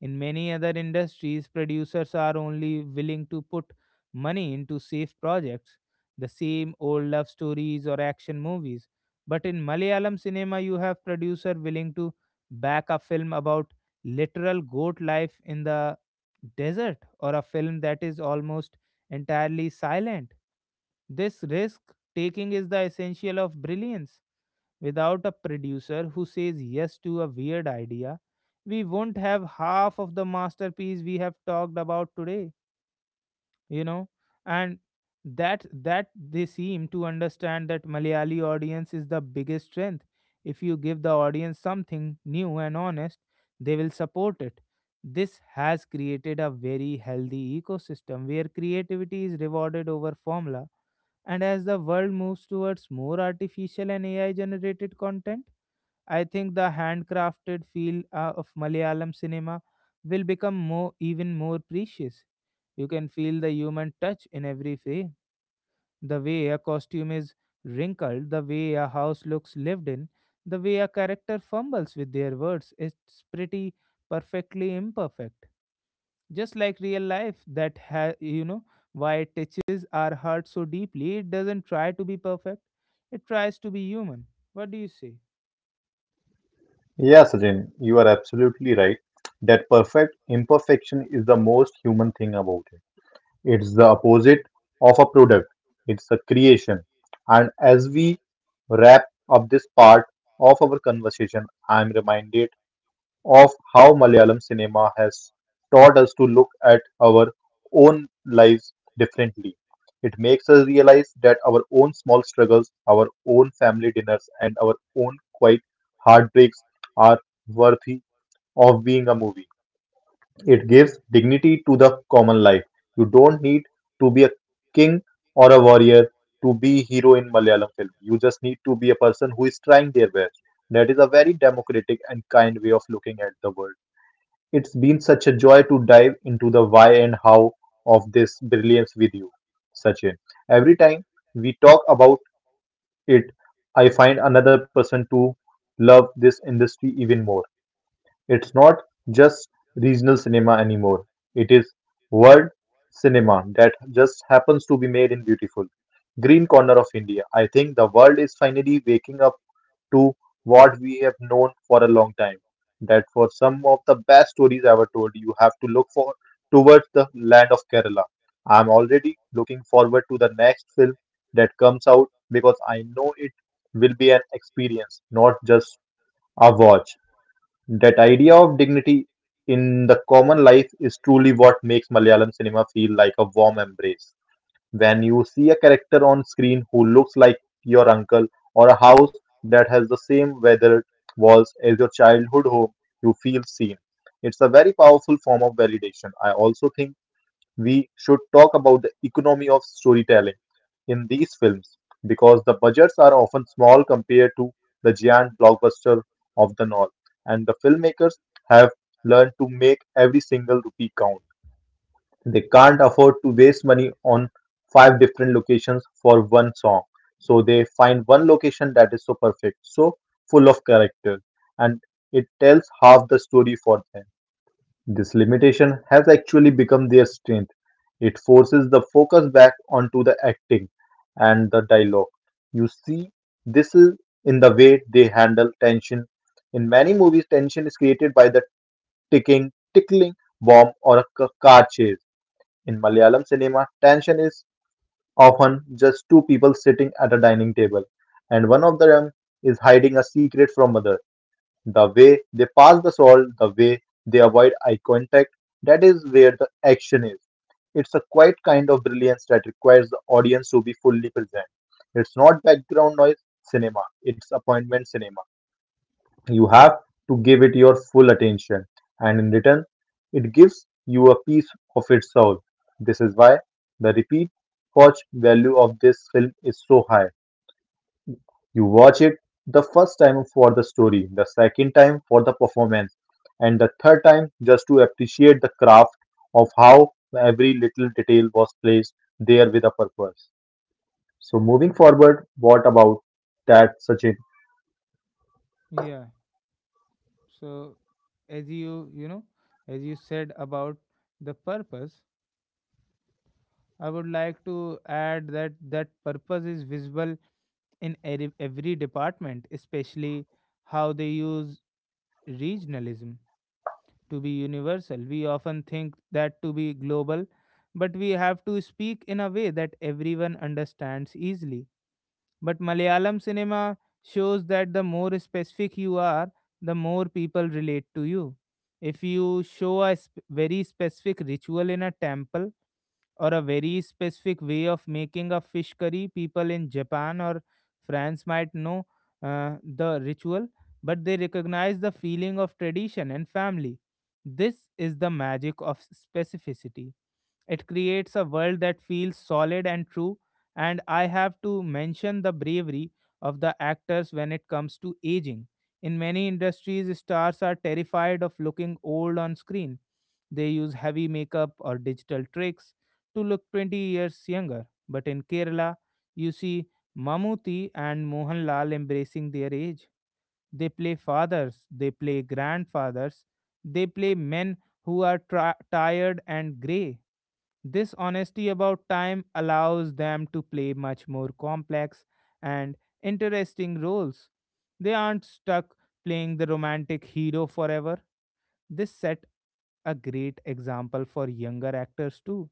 In many other industries, producers are only willing to put money into safe projects, the same old love stories or action movies. But in Malayalam cinema, you have producer willing to back a film about literal goat life in the desert or a film that is almost entirely silent. This risk taking is the essential of brilliance. Without a producer who says yes to a weird idea, we won't have half of the masterpiece we have talked about today, you know. And that they seem to understand that Malayali audience is the biggest strength. If you give the audience something new and honest, they will support it. This has created a very healthy ecosystem where creativity is rewarded over formula, and as the world moves towards more artificial and AI generated content, I think the handcrafted feel of Malayalam cinema will become more even more precious. You can feel the human touch in every frame, the way a costume is wrinkled, the way a house looks lived in, the way a character fumbles with their words. It's pretty perfectly imperfect, just like real life. That you know why it touches our heart so deeply. It doesn't try to be perfect, it tries to be human. What do you say?
yeah, Sachin, you are absolutely right. That perfect imperfection is the most human thing about it. It's the opposite of a product. It's a creation. And as we wrap up this part of our conversation, I'm reminded of how Malayalam cinema has taught us to look at our own lives differently. It makes us realize that our own small struggles, our own family dinners, and our own quiet heartbreaks are worthy of being a movie. It gives dignity to the common life. You don't need to be a king or a warrior to be hero in Malayalam film. You just need to be a person who is trying their best. That is a very democratic and kind way of looking at the world. It's been such a joy to dive into the why and how of this brilliance with you, Sachin. Every time we talk about it, I find another person to love this industry even more. It's not just regional cinema anymore, it is world cinema that just happens to be made in beautiful green corner of India. I think the world is finally waking up to what we have known for a long time. That for some of the best stories ever told, you have to look for towards the land of Kerala. I'm already looking forward to the next film that comes out because I know it will be an experience, not just a watch. That idea of dignity in the common life is truly what makes Malayalam cinema feel like a warm embrace. When you see a character on screen who looks like your uncle or a house that has the same weathered walls as your childhood home, you feel seen. It's a very powerful form of validation. I also think we should talk about the economy of storytelling in these films because the budgets are often small compared to the giant blockbuster of the north and the filmmakers have learned to make every single rupee count. They can't afford to waste money on five different locations for one song. So they find one location that is so perfect, so full of character, and it tells half the story for them. This limitation has actually become their strength. It forces the focus back onto the acting and the dialogue. You see, this is in the way they handle tension. In many movies, tension is created by the ticking, tickling bomb or a car chase. In Malayalam cinema, tension is often just two people sitting at a dining table, and one of them is hiding a secret from other. The way they pass the salt, the way they avoid eye contact, that is where the action is. It's a quiet kind of brilliance that requires the audience to be fully present. It's not background noise cinema, it's appointment cinema. You have to give it your full attention, and in return, it gives you a piece of its soul. This is why the repeat watch value of this film is so high. You watch it the first time for the story, the second time for the performance, and the third time just to appreciate the craft of how every little detail was placed there with a purpose. So, moving forward, what about that, Sachin?
Yeah. So as you you know as you said about the purpose, I would like to add that purpose is visible in every department, especially how they use regionalism to be universal. We often think that to be global, but we have to speak in a way that everyone understands easily. But Malayalam cinema shows that the more specific you are, the more people relate to you. If you show a very specific ritual in a temple, or a very specific way of making a fish curry. People in Japan or France might know the ritual, but they recognize the feeling of tradition and family. This is the magic of specificity. It creates a world that feels solid and true, and I have to mention the bravery of the actors when it comes to aging. In many industries, stars are terrified of looking old on screen. They use heavy makeup or digital tricks to look 20 years younger. But in Kerala, you see Mamuti and Mohanlal embracing their age. They play fathers, they play grandfathers, they play men who are tired and grey. This honesty about time allows them to play much more complex and interesting roles. They aren't stuck playing the romantic hero forever. This set a great example for younger actors too.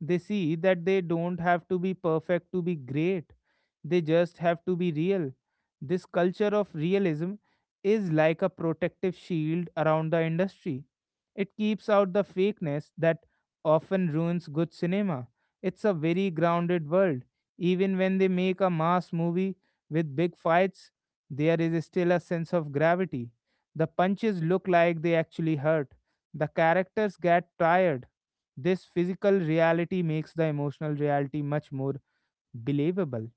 They see that they don't have to be perfect to be great, they just have to be real. This culture of realism is like a protective shield around the industry. It keeps out the fakeness that often ruins good cinema. It's a very grounded world. Even when they make a mass movie with big fights, there is still a sense of gravity. The punches look like they actually hurt. The characters get tired. This physical reality makes the emotional reality much more believable.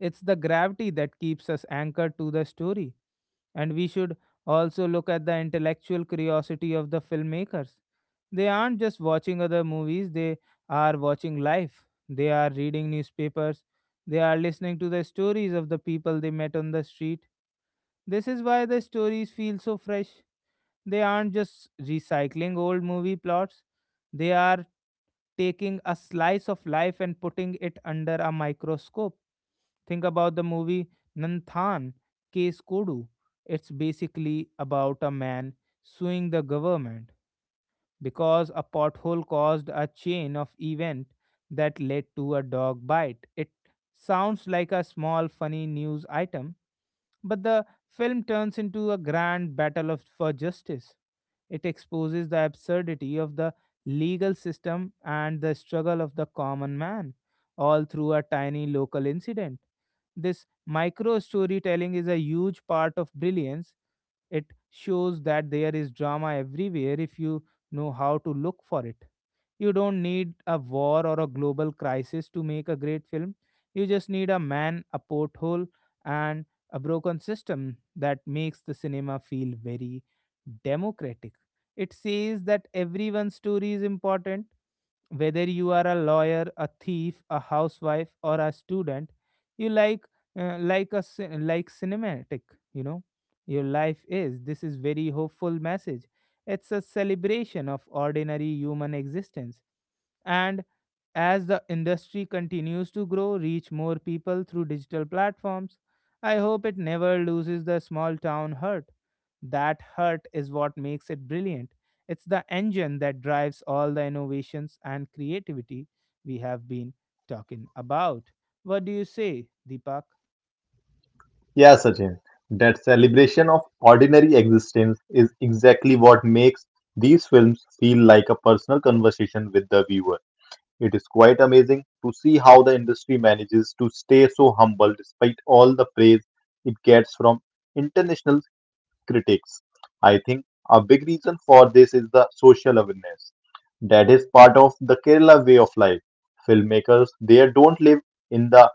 It's the gravity that keeps us anchored to the story. And we should also look at the intellectual curiosity of the filmmakers. They aren't just watching other movies, they are watching life. They are reading newspapers. They are listening to the stories of the people they met on the street. This is why the stories feel so fresh. They aren't just recycling old movie plots, they are taking a slice of life and putting it under a microscope. Think about the movie Nanthan Case Kodu. It's basically about a man suing the government because a pothole caused a chain of event that led to a dog bite. It sounds like a small funny news item, but the film turns into a grand battle of, for justice. It exposes the absurdity of the legal system and the struggle of the common man, all through a tiny local incident. This micro storytelling is a huge part of brilliance. It shows that there is drama everywhere if you know how to look for it. You don't need a war or a global crisis to make a great film. You just need a man, a porthole, and a broken system that makes the cinema feel very democratic. It says that everyone's story is important. Whether you are a lawyer, a thief, a housewife, or a student, you like like cinematic. You know, your life is. This is very hopeful message. It's a celebration of ordinary human existence, and as the industry continues to grow, reach more people through digital platforms, I hope it never loses the small town hurt. That hurt is what makes it brilliant. It's the engine that drives all the innovations and creativity we have been talking about. What do you say, Deepak?
Yeah, Sachin, that celebration of ordinary existence is exactly what makes these films feel like a personal conversation with the viewer. It is quite amazing to see how the industry manages to stay so humble despite all the praise it gets from international critics. I think a big reason for this is the social awareness. That is part of the Kerala way of life. Filmmakers, they don't live in the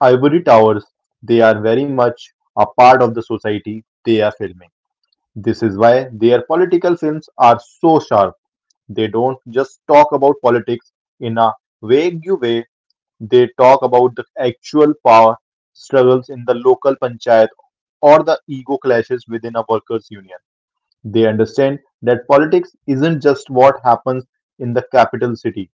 Ivory towers, they are very much a part of the society they are filming. This is why their political films are so sharp. They don't just talk about politics in a vague way, they talk about the actual power struggles in the local panchayat or the ego clashes within a workers' union. They understand that politics isn't just what happens in the capital city.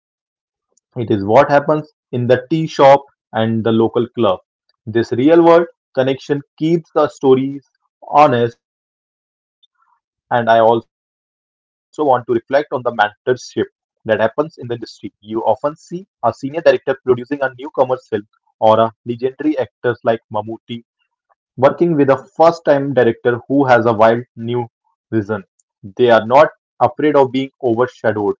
It is what happens in the tea shop and the local club. This real world connection keeps the stories honest, and I also want to reflect on the mentorship that happens in the industry. You often see a senior director producing a newcomer's film or a legendary actors like Mammootty working with a first time director who has a wild new vision. They are not afraid of being overshadowed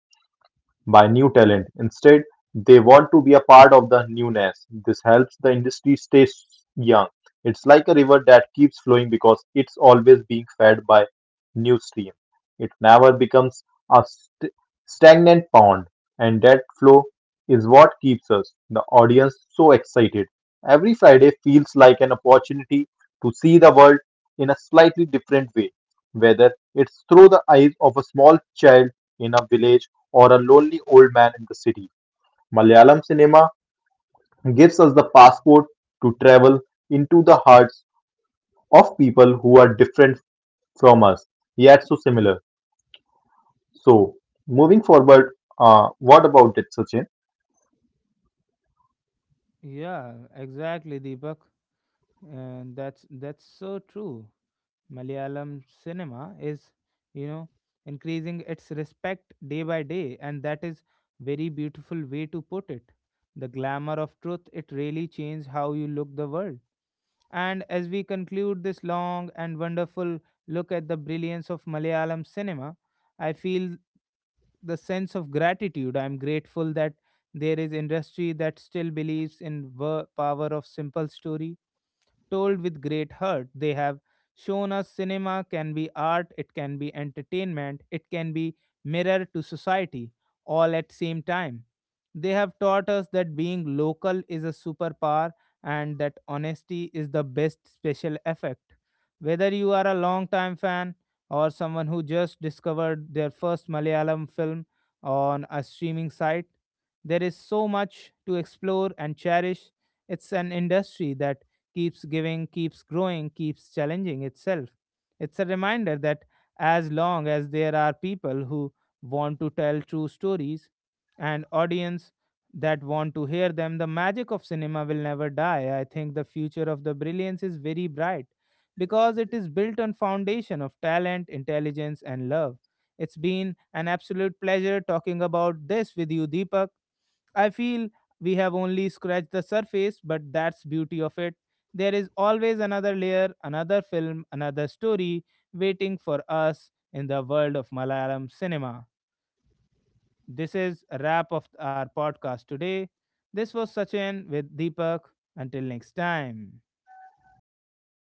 by new talent. Instead, they want to be a part of the newness. This helps the industry stay young. It's like a river that keeps flowing because it's always being fed by new stream. It never becomes a stagnant pond, and that flow is what keeps us, the audience, so excited. Every Friday feels like an opportunity to see the world in a slightly different way, whether it's through the eyes of a small child in a village or a lonely old man in the city. Malayalam cinema gives us the passport to travel into the hearts of people who are different from us, yet so similar. So, moving forward, what about it, Sachin?
Yeah, exactly, Deepak. And that's so true. Malayalam cinema is, you know, increasing its respect day by day, and that is very beautiful way to put it. The glamour of truth, it really changed how you look the world. And as we conclude this long and wonderful look at the brilliance of Malayalam cinema, I feel the sense of gratitude. I'm grateful that there is industry that still believes in the power of simple story told with great heart. They have shown us cinema can be art, it can be entertainment, it can be mirror to society, all at same time. They have taught us that being local is a superpower and that honesty is the best special effect. Whether you are a long time fan or someone who just discovered their first Malayalam film on a streaming site, there is so much to explore and cherish. It's an industry that keeps giving, keeps growing, keeps challenging itself. It's a reminder that as long as there are people who want to tell true stories, and audience that want to hear them. The magic of cinema will never die. I think the future of the brilliance is very bright because it is built on foundation of talent, intelligence and love. It's been an absolute pleasure talking about this with you, Deepak. I feel we have only scratched the surface, but that's beauty of it. There is always another layer, another film, another story waiting for us in the world of Malayalam cinema. This is a wrap of our podcast today. This was Sachin with Deepak. Until next time.